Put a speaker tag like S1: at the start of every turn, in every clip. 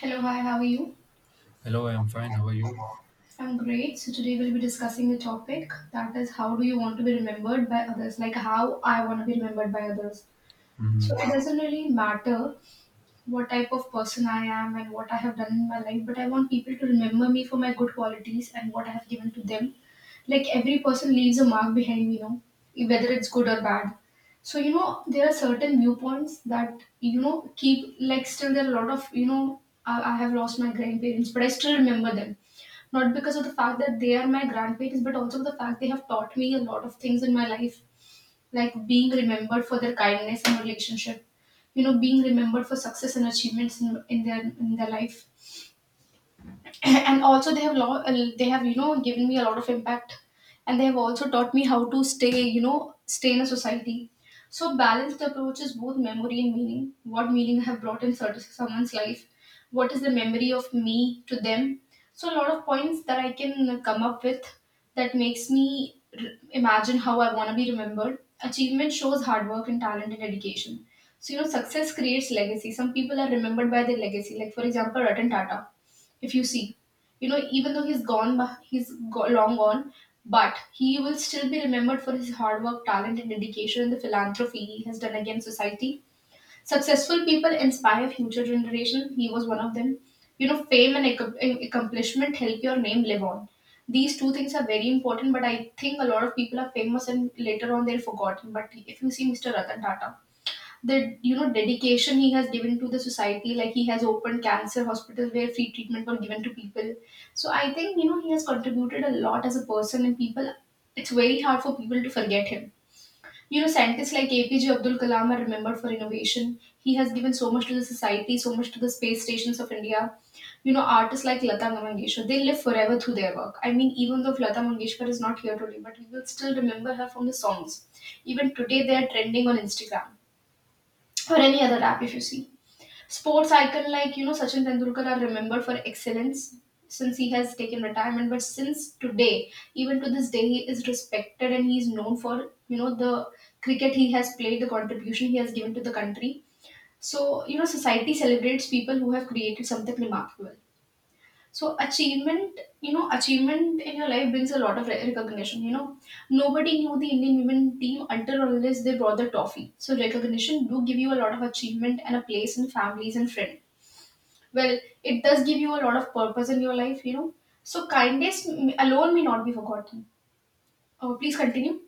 S1: Hello, hi, how are you?
S2: Hello, I'm fine. How are you?
S1: I'm great. So, today we'll be discussing a topic that is, how do you want to be remembered by others? Like, how I want to be remembered by others. So,
S2: Mhm.
S1: it doesn't really matter what type of person I am and what I have done in my life, but I want people to remember me for my good qualities and what I have given to them. Like, every person leaves a mark behind, you know, whether it's good or bad. So, you know, there are certain viewpoints that, you know, keep, like, still there are a lot of, you know, I have lost my grandparents, but I still remember them. Not because of the fact that they are my grandparents, but also the fact they have taught me a lot of things in my life, like being remembered for their kindness and relationship, you know, being remembered for success and achievements in their in their life. And also they have they have, you know, given me a lot of impact, and they have also taught me how to, stay you know, stay in a society. So balanced approach is both memory and meaning. What meaning I have brought in certain someone's life, what is the memory of me to them. So a lot of points that I can come up with that makes me r imagine how I want to be remembered. Achievement shows hard work and talent and dedication. So, you know, success creates legacy. Some people are remembered by their legacy, like for example, Ratan Tata. If you see, you know, even though he's gone, but long gone, but he will still be remembered for his hard work, talent, and dedication, and the philanthropy he has done against society. Successful people inspire future generation. He was one of them. You know, fame and accomplishment help your name live on. These two things are very important, but I think a lot of people are famous and later on they're forgotten. But if you see Mr. Ratan Tata, the, you know, dedication he has given to the society, like he has opened cancer hospitals where free treatment were given to people. So I think, you know, he has contributed a lot as a person, and people, it's very hard for people to forget him. You know, scientists like APJ Abdul Kalam are remembered for innovation. He has given so much to the society, so much to the space stations of India. You know, artists like Lata Mangeshkar, they live forever through their work. I mean, even though Lata Mangeshkar is not here today, but we will still remember her from the songs. Even today they are trending on Instagram or any other app, if you see. Sports icon like, you know, Sachin Tendulkar are remembered for excellence. Since he has taken retirement, but since today, even to this day, he is respected and he is known for, you know, the cricket he has played, the contribution he has given to the country. So, you know, society celebrates people who have created something remarkable. So achievement, you know, achievement in your life brings a lot of recognition. You know, nobody knew the Indian women team until or unless they brought the trophy. So recognition do give you a lot of achievement and a place in families and friends. Well, it does give you a lot of purpose in your life. You know, so alone may not be forgotten. Oh, please continue.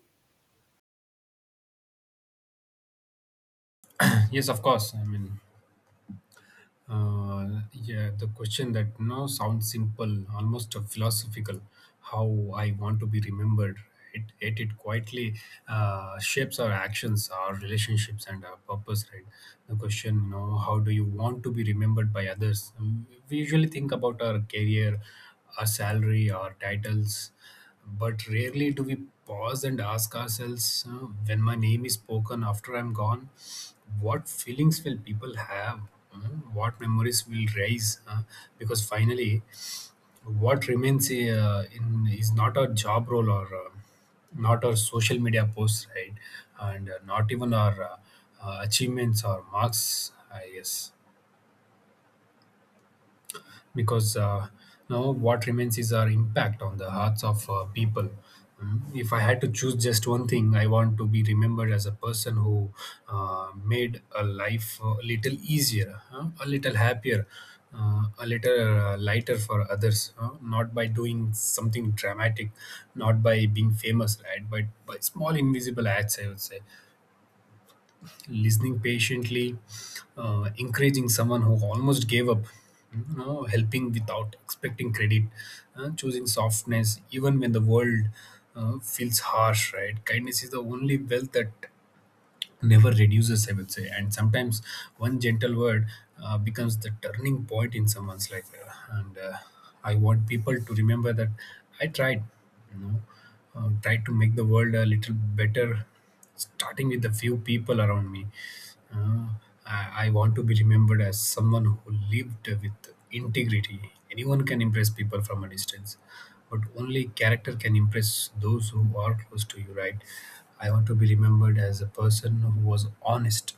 S2: Yes, of course. I mean, yeah, the question that you know sounds simple, almost philosophical. How I want to be remembered. It quietly shapes our actions, our relationships, and our purpose. Right. The question, you know, how do you want to be remembered by others? We usually think about our career, our salary, our titles. But rarely do we pause and ask ourselves when my name is spoken after I'm gone, what feelings will people have? Uh, What memories will rise? Because finally, what remains is not our job role or not our social media posts, right? And not even our achievements or marks, I guess. Because now what remains is our impact on the hearts of people. Mm, if I had to choose just one thing, I want to be remembered as a person who made a life a little easier, huh? A little happier, a little lighter for others. Huh? Not by doing something dramatic, not by being famous, right? But by small invisible acts, I would say listening patiently, encouraging someone who almost gave up, you know, helping without expecting credit, choosing softness even when the world feels harsh. Right, kindness is the only wealth that never reduces, I would say. And sometimes one gentle word becomes the turning point in someone's life. And I want people to remember that I tried, you know, tried to make the world a little better, starting with the few people around me. I want to be remembered as someone who lived with integrity. Anyone can impress people from a distance, but only character can impress those who are close to you, right? I want to be remembered as a person who was honest,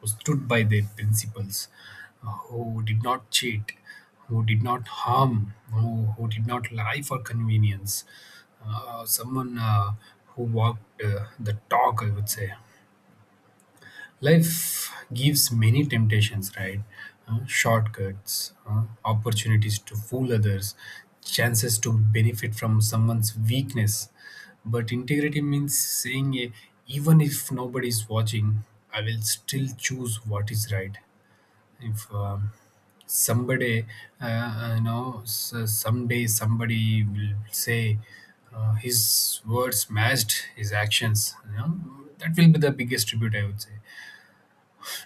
S2: who stood by their principles, who did not cheat, who did not harm, who did not lie for convenience, someone who walked the talk, I would say. Life gives many temptations, right? Shortcuts, opportunities to fool others, chances to benefit from someone's weakness. But integrity means saying, even if nobody is watching, I will still choose what is right. If somebody, you know, someday somebody will say his words matched his actions, you know, that will be the biggest tribute, I would say.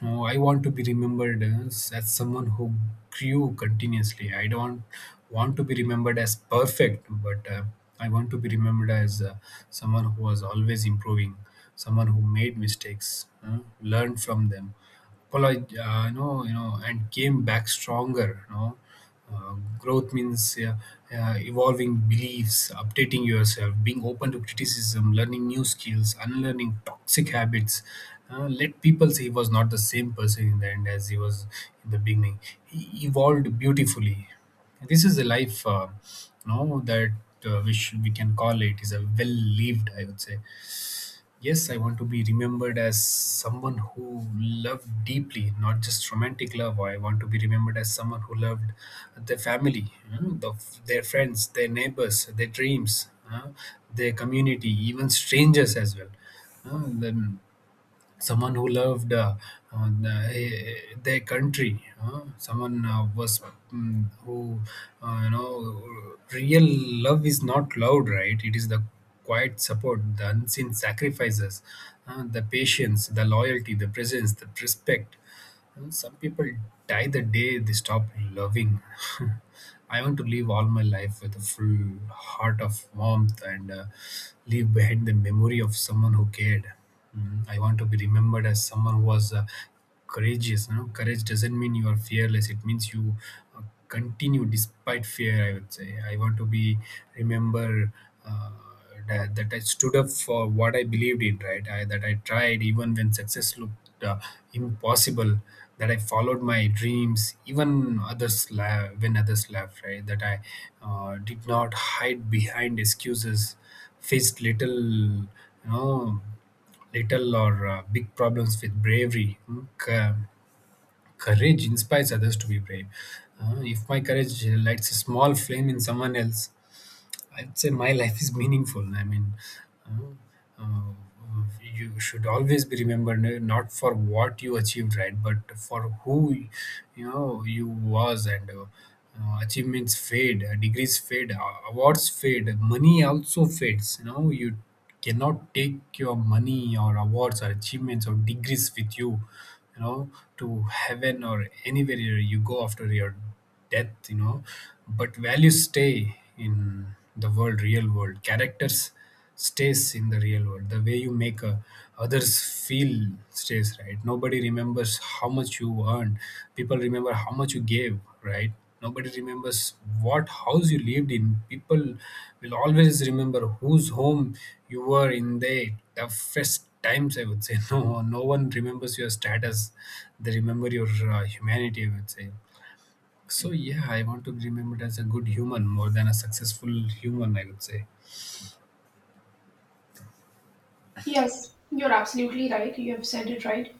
S2: Oh, I want to be remembered as someone who grew continuously. I don't want to be remembered as perfect, but I want to be remembered as someone who was always improving, someone who made mistakes, learned from them, apologized, and came back stronger. You know, growth means evolving beliefs, updating yourself, being open to criticism, learning new skills, unlearning toxic habits. Let people say he was not the same person in the end as he was in the beginning. He evolved beautifully. This is a life, you know, that we can call it is a well lived. I would say yes, I want to be remembered as someone who loved deeply, not just romantic love. I want to be remembered as someone who loved their family, their friends, their neighbors, their dreams, their community, even strangers as well. Then someone who loved on, uh, eh, their country, someone was mm, who you know real love is not loud, right? It is the quiet support, the unseen sacrifices, the patience, the loyalty, the presence, the respect. Well, some people die the day they stop loving. I want to live all my life with a full heart of warmth and leave behind the memory of someone who cared. Mm, I want to be remembered as someone who was courageous. You know, courage doesn't mean you are fearless. It means you uh, continue despite fear. I would say I want to be remember uh, that I stood up for what I believed in, right? I, that I tried even when success looked impossible. That I followed my dreams, even when others laughed, right? That I did not hide behind excuses, faced little, you know, little or big problems with bravery, courage inspires others to be brave. If my courage lights a small flame in someone else, I'd say my life is meaningful. I mean, uh, uh, you should always be remembered not for what you achieved, right, but for who you know you was and. Achievements fade, degrees fade, awards fade, money also fades. You know, you cannot take your money or awards or achievements or degrees with you, you know, to heaven or anywhere you go after your death, you know, but values stay in the world, real world, characters stays in the real world, the way you make others feel stays, right? Nobody remembers how much you earned, people remember how much you gave, right? Nobody remembers what house you lived in, people will always remember whose home you were in the toughest times, I would say. No, no one remembers your status, they remember your humanity, I would say. So yeah, I want to be remembered as a good human more than a successful human, I would say.
S1: Yes, you're absolutely right. You have said it right.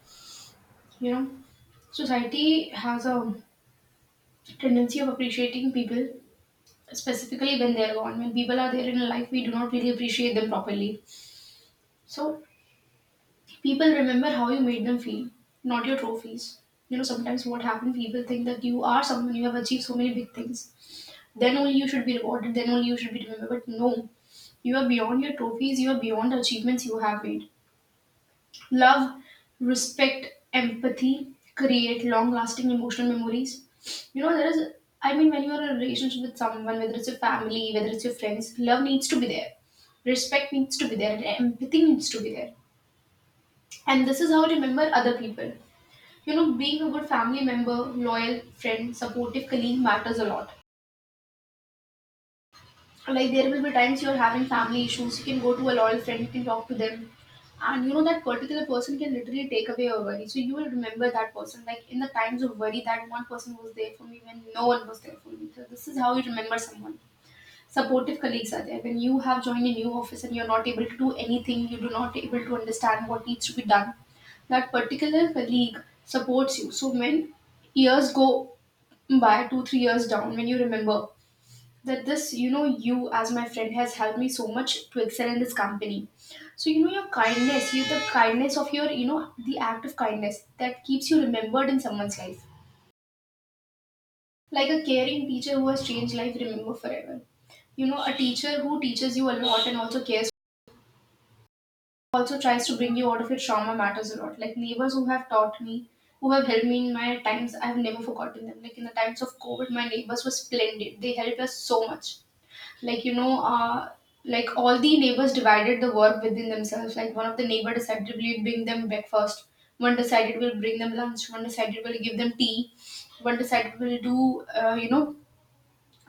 S1: You know, society has a tendency of appreciating people specifically when they're gone. When people are there in life, we do not really appreciate them properly. So people remember how you made them feel, not your trophies. You know, sometimes what happens, people think that you are someone, you have achieved so many big things. Then only you should be rewarded, then only you should be remembered. But no, you are beyond your trophies, you are beyond the achievements you have made. Love, respect, empathy create long lasting emotional memories. You know, there is, I mean, when you're in a relationship with someone, whether it's your family, whether it's your friends, love needs to be there, respect needs to be there, and empathy needs to be there. And this is how to remember other people. You know, being a good family member, loyal friend, supportive colleague matters a lot. Like, there will be times you're having family issues, you can go to a loyal friend, you can talk to them, and you know that particular person can literally take away your worry. So you will remember that person. Like in the times of worry, that one person was there for me when no one was there for me. So this is how you remember someone. Supportive colleagues are there when you have joined a new office and you're not able to do anything, you do not able to understand what needs to be done. That particular colleague supports you. So when years go by, 2-3 years down, when you remember that this, you know, you as my friend has helped me so much to excel in this company. So, you know, your kindness, you, the kindness of your, you know, the act of kindness that keeps you remembered in someone's life. Like a caring teacher who has changed life, remember forever. You know, a teacher who teaches you a lot and also cares, also tries to bring you out of your trauma, matters a lot. Like neighbors who have taught me, who have helped me in my times, I have never forgotten them. Like in the times of COVID, my neighbors were splendid, they helped us so much. Like, you know, like all the neighbors divided the work within themselves. Like, one of the neighbor decided, we'll bring them breakfast. One decided, we'll bring them lunch. One decided, we'll give them tea. One decided, we'll do, you know,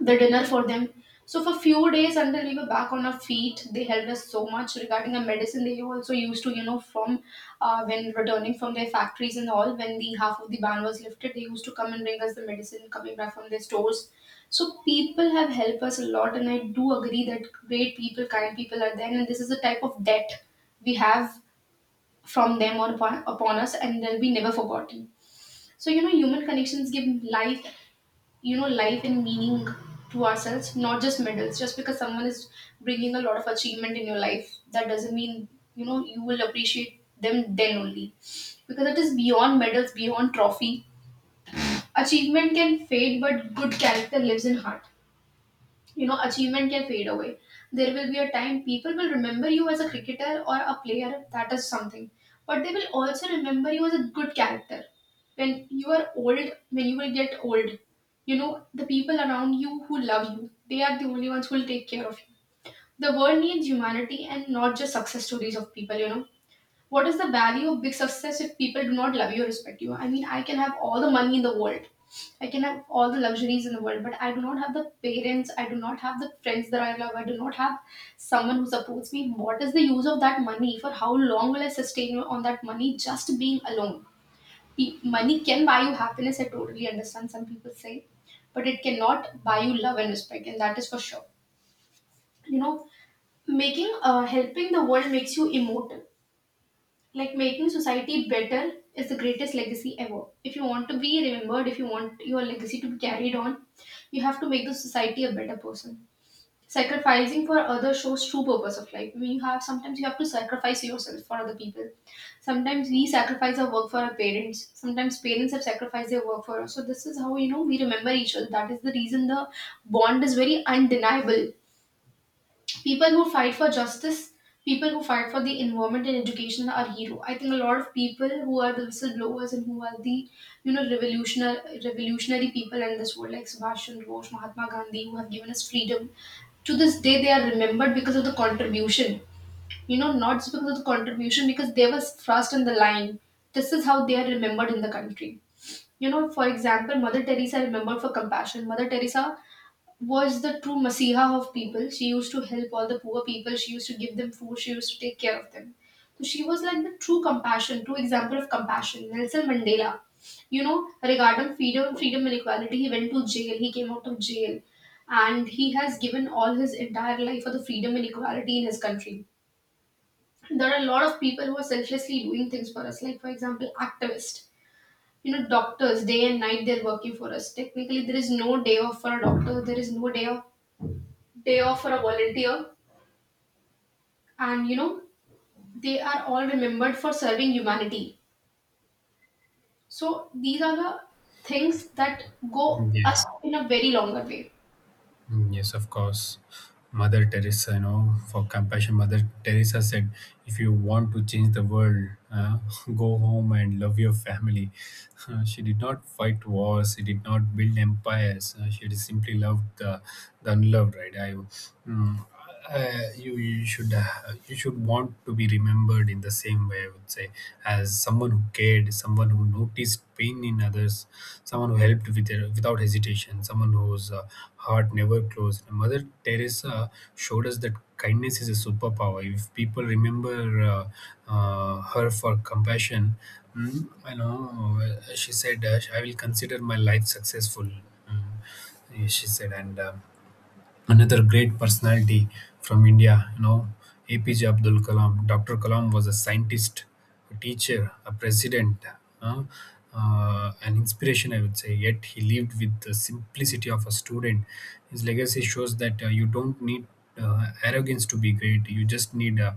S1: the dinner for them. So for few days until we were back on our feet, they helped us so much regarding the medicine. They also used to, you know, from when returning from their factories and all, when the half of the ban was lifted, they used to come and bring us the medicine coming back from their stores. So people have helped us a lot and I do agree that great people, kind people are there, and this is a type of debt we have from them or upon us, and they'll be never forgotten. So, you know, human connections give life, you know, life and meaning to ourselves, not just medals. Just because someone is bringing a lot of achievement in your life, that doesn't mean, you know, you will appreciate them then only, because it is beyond medals, beyond trophy. Achievement can fade, but good character lives in heart. You know, achievement can fade away. There will be a time people will remember you as a cricketer or a player, that is something, but they will also remember you as a good character. When you are old, when you will get old, you know, the people around you who love you, they are the only ones who will take care of you. The world needs humanity and not just success stories of people. You know, what is the value of big success if people do not love you or respect you? I mean, I can have all the money in the world, I can have all the luxuries in the world, but I do not have the parents, I do not have the friends that I love, I do not have someone who supports me. What is the use of that money? For how long will I sustain on that money just being alone? Money can buy you happiness, I totally understand, some people say, but it cannot buy you love and respect, and that is for sure. You know, making, helping the world makes you immortal. Like making society better is the greatest legacy ever. If you want to be remembered, if you want your legacy to be carried on, you have to make the society a better person. Sacrificing for others shows true purpose of life. We have sometimes, you have to sacrifice yourself for other people. Sometimes we sacrifice our work for our parents, sometimes parents have sacrificed their work for us. So this is how, you know, we remember each other. That is the reason the bond is very undeniable. People who fight for justice, people who fight for the environment and education are hero. I think a lot of people who are the whistleblowers and who are the, you know, revolutionary people in this world, like Subhash Chandra Bose, Mahatma Gandhi, who have given us freedom. To this day, they are remembered because of the contribution. Not just because of the contribution, because they were first in the line. This is how they are remembered in the country. You know, for example, Mother Teresa remembered for compassion. Mother Teresa was the true Masiha of people. She used to help all the poor people, she used to give them food, she used to take care of them. So she was like the true compassion, true example of compassion. Nelson Mandela, you know, regarding freedom, freedom and equality, he went to jail, he came out of jail, and he has given all his entire life for the freedom and equality in his country. There are a lot of people who are selflessly doing things for us, like for example, activists. You know, doctors, day and night they're working for us. Technically, there is no day off for a doctor. There is no day off. Day off for a volunteer, and you know, they are all remembered for serving humanity. So these are the things that go
S2: Yeah.
S1: us in a very longer way.
S2: Mm, yes, of course. Mother Teresa, you know, for compassion, Mother Teresa said, if you want to change the world, go home and love your family. She did not fight wars, she did not build empires, she just simply loved the unloved, right? Mm, you should you should want to be remembered in the same way, I would say, as someone who cared, someone who noticed pain in others, someone who helped with their, without hesitation, someone whose heart never closed. Mother Teresa showed us that kindness is a superpower. If people remember her for compassion, I know she said, "I will consider my life successful." Mm, she said, and another great personality from India, you know, APJ Abdul Kalam. Dr. Kalam was a scientist, a teacher, a president, uh, an inspiration, I would say. Yet he lived with the simplicity of a student. His legacy shows that you don't need arrogance to be great, you just need a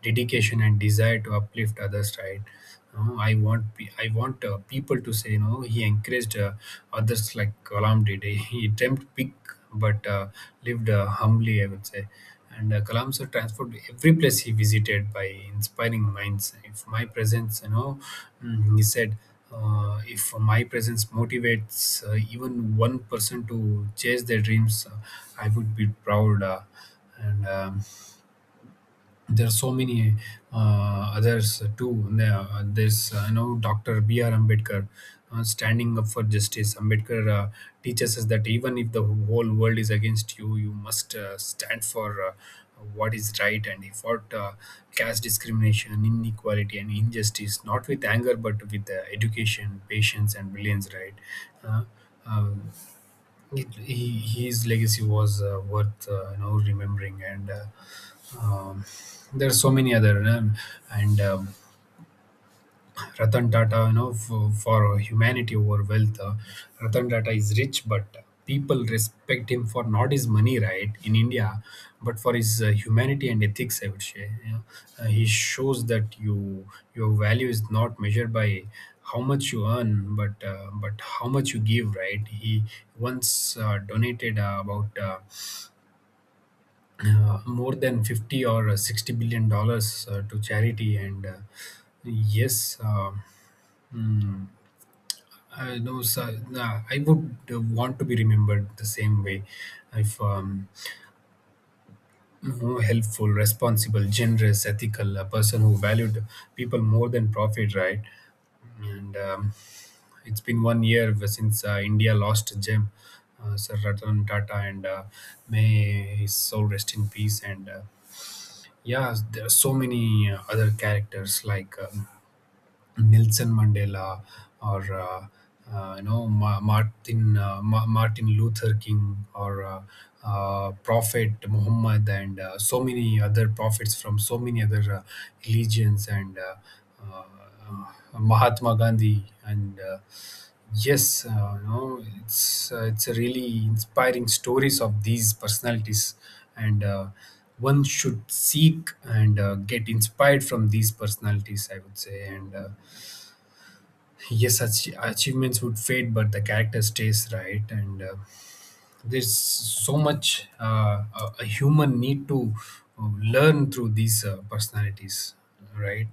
S2: dedication and desire to uplift others, right? You know, I want people to say, you know, he encouraged others like Kalam did. He dreamt big but lived humbly, I would say. And Kalam sir transformed every place he visited by inspiring minds. If my presence, you know, he said, if my presence motivates even one person to chase their dreams, I would be proud. And There are so many others too. There, there's You know Dr. B R Ambedkar, standing up for justice. Ambedkar teaches us that even if the whole world is against you, you must stand for what is right, and he fought caste discrimination, inequality, and injustice, not with anger but with education, patience, and brilliance. Right. Uh, um, his legacy was worth you know remembering and. um, there are so many other, you know, and Ratan Tata, you know, for humanity over wealth. Ratan Tata is rich but people respect him for not his money, right, in India, but for his humanity and ethics, I would say, you know. He shows that your value is not measured by how much you earn but how much you give, right? He once donated about more than 50 or 60 billion dollars to charity. And yes. Mm, I know. So, nah, I would want to be remembered the same way. If More helpful, responsible, generous, ethical, a person who valued people more than profit, right? and It's been one year since India lost Gem, Sir Ratan Tata, and may his soul rest in peace. And Yes, there are so many other characters like Nelson Mandela, or you know, Martin Luther King, or Prophet Muhammad, and so many other prophets from so many other religions, and uh, Mahatma Gandhi. And yes You know, it's a really inspiring stories of these personalities, and one should seek and get inspired from these personalities, I would say. And Yes, achievements would fade but the character stays, right? and There's so much, a human need to learn through these personalities, right?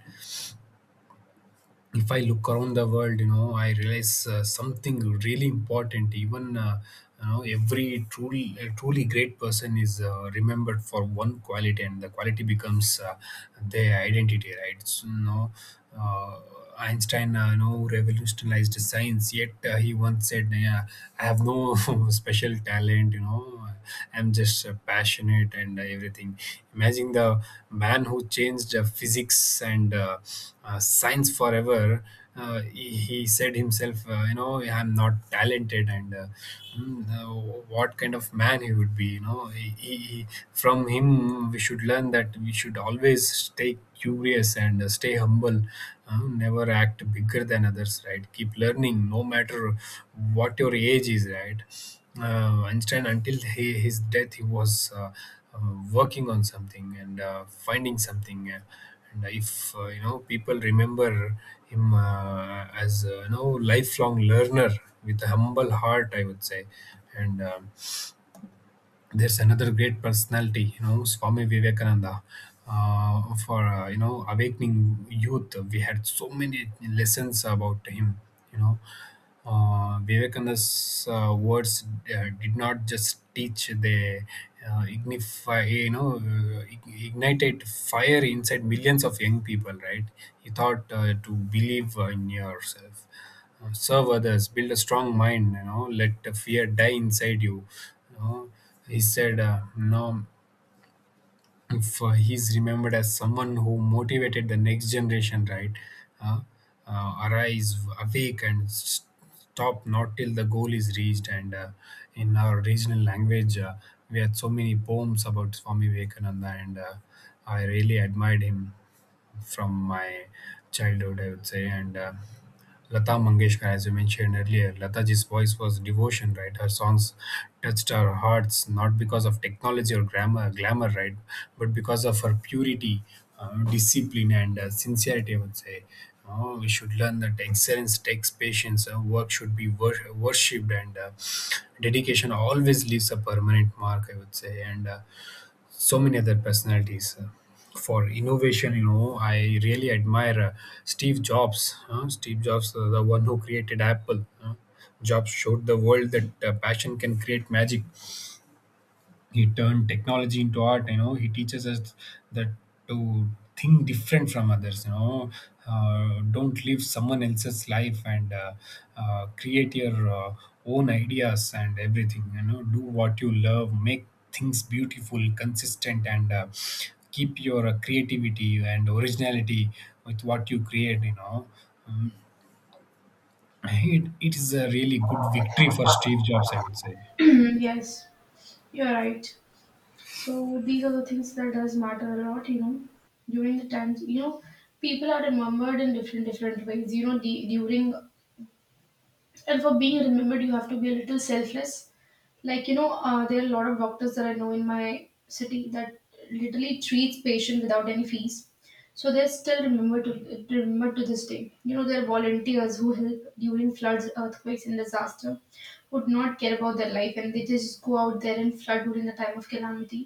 S2: If I look around the world, you know, I realize something really important. Even every truly great person is remembered for one quality, and the quality becomes their identity, right? Uh, Einstein revolutionized science. Yet he once said, "Yeah, I have no special talent." I'm just passionate and everything. Imagine the man who changed physics and science forever. He said himself, I'm not talented. Mm, uh, what kind of man he would be. You know, from him we should learn that we should always stay curious and stay humble. Never act bigger than others, right? Keep learning, no matter what your age is, right? Einstein, until his death, he was working on something and finding something. And if You know, people remember him as you know, lifelong learner with a humble heart, I would say. And There's another great personality, you know, Swami Vivekananda. For you know, awakening youth, we had so many lessons about him. You know, Vivekananda's words did not just teach; they ignify, you know, ig- ignited fire inside millions of young people, right? He thought to believe in yourself. Serve others, build a strong mind, you know, let the fear die inside you. You know, he said, you know, if he's remembered as someone who motivated the next generation, right? Uh, Arise, awake, and stop not till the goal is reached. And in our regional language, we had so many poems about Swami Vivekananda, and I really admired him from my childhood, I would say. And Lata Mangeshkar, as you mentioned earlier, Lataji's voice was devotion, right? Her songs touched our hearts not because of technology or grammar, glamour, right, but because of her purity, discipline, and sincerity, I would say. Oh, we should learn that excellence takes patience. Work should be worshipped, and dedication always leaves a permanent mark, I would say. And So many other personalities, for innovation, you know, I really admire Steve Jobs, the one who created Apple. Jobs showed the world that passion can create magic. He turned technology into art. You know, he teaches us that to think different from others, you know, don't live someone else's life, and create your own ideas and everything. You know, do what you love, make things beautiful, consistent, and keep your creativity and originality with what you create, you know. Um, it is a really good victory for Steve Jobs, I would say.
S1: Yes, you're right. So these are the things that does matter a lot, you know. During the times, you know, people are remembered in different different ways. You know, the, during and for being remembered, you have to be a little selfless. Like there are a lot of doctors that I know in my city that literally treats patient without any fees. So they're still remembered to this day. You know, there are volunteers who help during floods, earthquakes and disaster, who do not care about their life and they just go out there and flood during the time of calamity.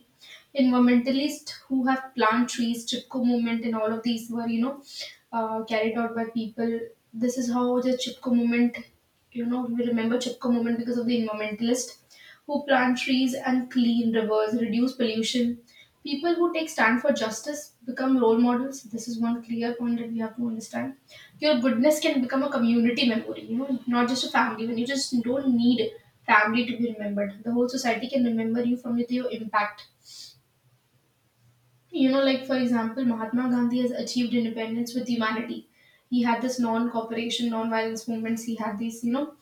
S1: Environmentalists who have plant trees, Chipko movement, and all of these were, carried out by people. This is how the Chipko movement, you know, we remember Chipko movement because of the environmentalist who plant trees and clean rivers, reduce pollution. People who take stand for justice become role models. This is one clear point that we have to understand. Your goodness can become a community memory, you know, not just a family. When you just don't need family to be remembered, the whole society can remember you from with your impact. You know, like for example, Mahatma Gandhi has achieved independence with humanity. He had this non-cooperation, non-violence movements. He had these, you know,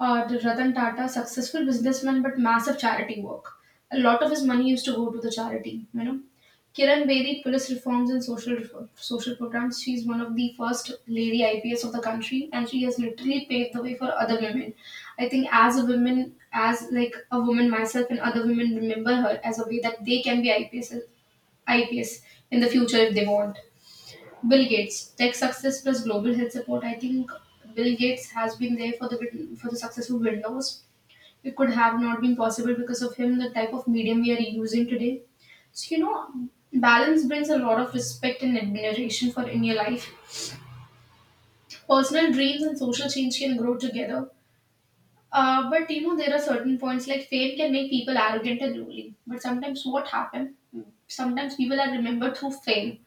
S1: uh, the Ratan Tata, successful businessman but massive charity work. A lot of his money used to go to the charity, you know. Kiran Bedi, police reforms and social reform, social programs. She's one of the first lady IPS of the country, and she has literally paved the way for other women. I think as a woman, as like a woman myself, and other women remember her as a way that they can be IPS, IPS in the future if they want. Bill Gates, tech success plus global health support. I think Bill Gates has been there for the for the success of Windows. It could have not been possible because of him. The type of medium we are using today. So you know, balance brings a lot of respect and admiration for in your life. Personal dreams and social change can grow together. But you know, there are certain points like fame can make people arrogant and ruling. But sometimes what happen? Sometimes people are remembered through fame.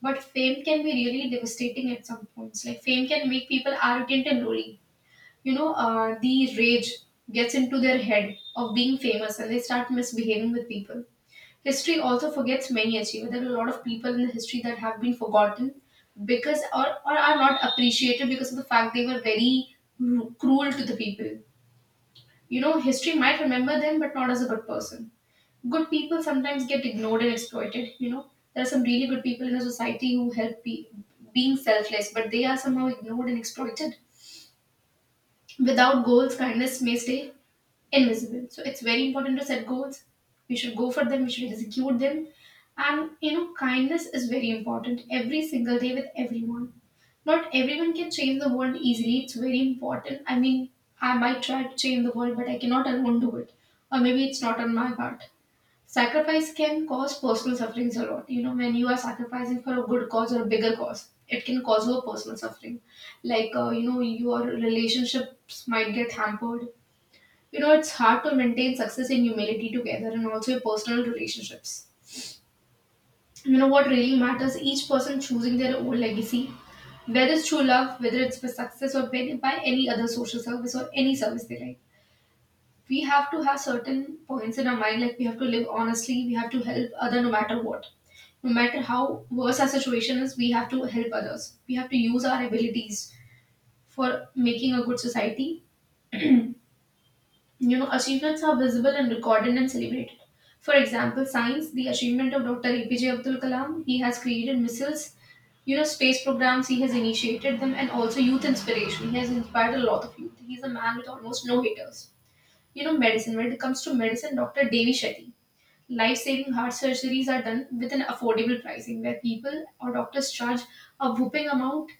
S1: But fame can be really devastating at some points. Like fame can make people arrogant and lonely. The rage gets into their head of being famous, and they start misbehaving with people. History also forgets many achievements. There are a lot of people in the history that have been forgotten because or are not appreciated because of the fact they were very cruel to the people. You know, history might remember them, but not as a good person. Good people sometimes get ignored and exploited. You know, there are some really good people in the society who being selfless, but they are somehow ignored and exploited. Without goals, kindness may stay invisible. So it's very important to set goals. We should go for them, we should execute them. And you know, kindness is very important every single day with everyone. Not everyone can change the world easily. It's very important. I mean, I might try to change the world, but I cannot alone do it. Or maybe it's not on my part. Sacrifice can cause personal sufferings a lot. You know, when you are sacrificing for a good cause or a bigger cause, it can cause you a personal suffering. Like, you know, your relationships might get hampered. You know, it's hard to maintain success and humility together and also your personal relationships. You know, what really matters, each person choosing their own legacy, whether it's through love, whether it's for success or by any other social service or any service they like. We have to have certain points in our mind, like we have to live honestly, we have to help other no matter what. No matter how worse our situation is, we have to help others. We have to use our abilities for making a good society. You know, achievements are visible and recorded and celebrated. For example, science, the achievement of Dr. APJ Abdul Kalam, he has created missiles, you know, space programs, he has initiated them, and also youth inspiration. He has inspired a lot of youth. He's a man with almost no haters. You know, medicine, when it comes to medicine, Dr. Devi Shetty, life-saving heart surgeries are done with an affordable pricing where people or doctors charge a whooping amount.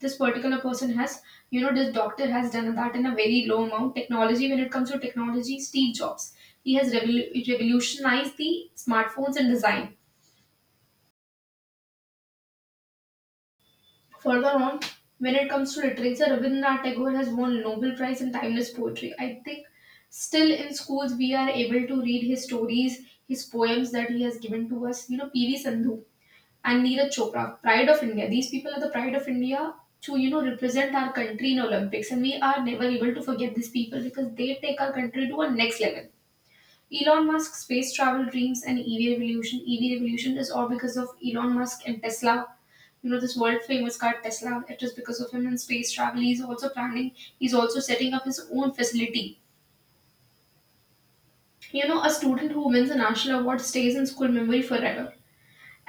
S1: This particular person has, you know, this doctor has done that in a very low amount. Technology, when it comes to technology, Steve Jobs, he has revolutionized the smartphones and design. Further on, when it comes to literature, Rabindranath Tagore has won Nobel Prize in timeless poetry. I think still in schools we are able to read his stories, his poems that he has given to us. You know, PV Sandhu and Neeraj Chopra, pride of India. These people are the pride of India to, you know, represent our country in Olympics, and we are never able to forget these people because they take our country to a next level. Elon Musk's space travel dreams and EV revolution. EV revolution is all because of Elon Musk and Tesla. You know this world famous car Tesla. It is because of him and space travel. He's also planning. He's also setting up his own facility. You know, a student who wins a national award stays in school memory forever.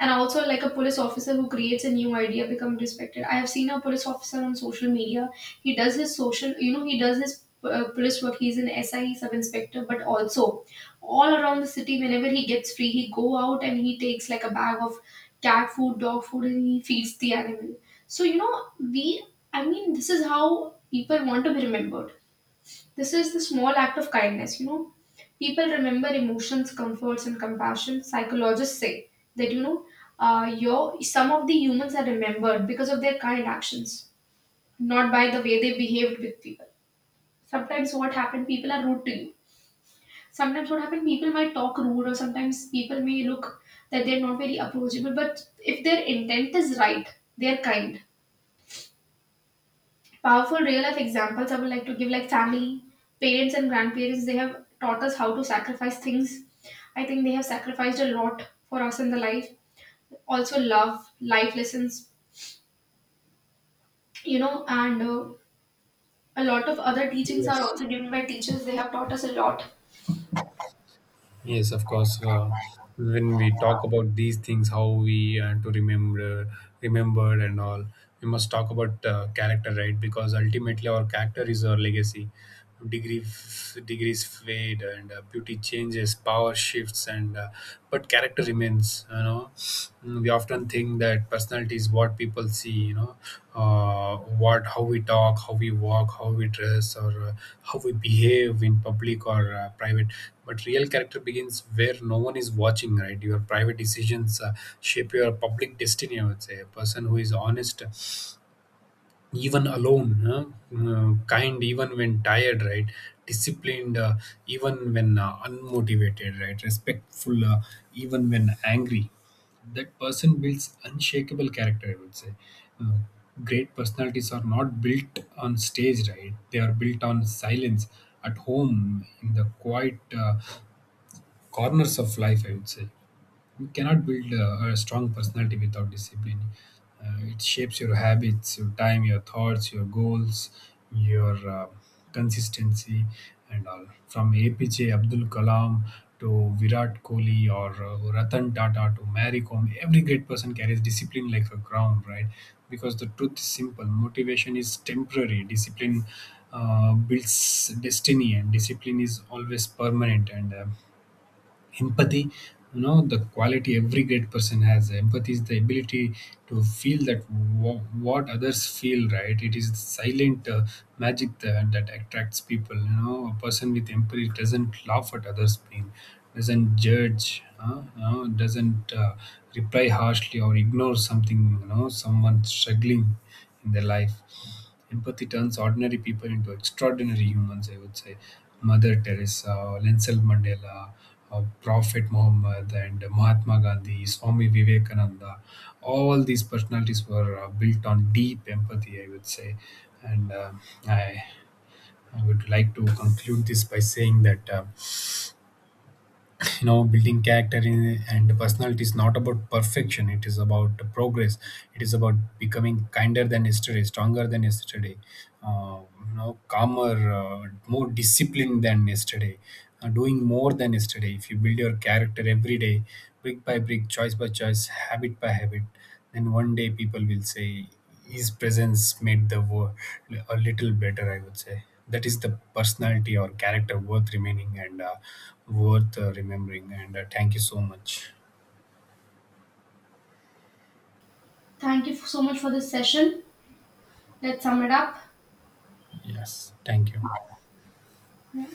S1: And also like a police officer who creates a new idea become respected. I have seen a police officer on social media. He does his social, you know, he does his police work. He's an SI, sub inspector, but also all around the city whenever he gets free he go out and he takes like a bag of cat food, dog food, and he feeds the animal. So you know, we, I mean, this is how people want to be remembered. This is the small act of kindness, you know. People remember emotions, comforts, and compassion. Psychologists say that, you know, some of the humans are remembered because of their kind actions, not by the way they behaved with people. Sometimes what happened, people are rude to you. Sometimes what happened, people might talk rude, or sometimes people may look that they're not very approachable. But if their intent is right, they're kind. Powerful real life examples I would like to give, like family, parents, and grandparents, they have taught us how to sacrifice things. I think they have sacrificed a lot for us in the life. Also, love, life lessons, you know, and a lot of other teachings are
S2: Yes.
S1: also given by teachers. They have taught us a lot.
S2: Yes, of course. When we talk about these things, how we remember and all, we must talk about character, right? Because ultimately, our character is our legacy. Degrees fade, and beauty changes, power shifts, and but character remains. We often think that personality is what people see. You know, what how we talk, how we walk, how we dress, or how we behave in public or private. But real character begins where no one is watching, right? Your private decisions shape your public destiny, I would say. A person who is honest even alone, huh? Kind even when tired, right? Disciplined even when unmotivated, right? Respectful even when angry. That person builds unshakable character, I would say. Uh, Great personalities are not built on stage, right? They are built on silence, at home, in the quiet corners of life, I would say. You cannot build a strong personality without discipline. It shapes your habits, your time, your thoughts, your goals, your consistency, and all. From APJ Abdul Kalam to Virat Kohli or Ratan Tata to Mary Kom, every great person carries discipline like a crown, right? Because the truth is simple: motivation is temporary, discipline builds destiny, and discipline is always permanent. And empathy, you know, the quality every great person has. Empathy is the ability to feel that w- what others feel, right? It is silent magic that attracts people. You know, a person with empathy doesn't laugh at others pain, doesn't judge, doesn't reply harshly or ignore something, you know, someone struggling in their life. Empathy turns ordinary people into extraordinary humans, I would say. Mother Teresa, Nelson Mandela, Prophet Muhammad, and Mahatma Gandhi, Swami Vivekananda, all these personalities were built on deep empathy, I would say. And uh, I, I would like to conclude this by saying that. You know, building character and personality is not about perfection, it is about progress. It is about becoming kinder than yesterday, stronger than yesterday, uh, you know, calmer, more disciplined than yesterday, doing more than yesterday. If you build your character every day, brick by brick, choice by choice, habit by habit, then one day people will say his presence made the war a little better, I would say. That is the personality or character worth remaining and worth remembering. And Thank you so much.
S1: Thank you so much for this session. Let's sum it up.
S2: Yeah. Yes, thank you.
S1: Yeah.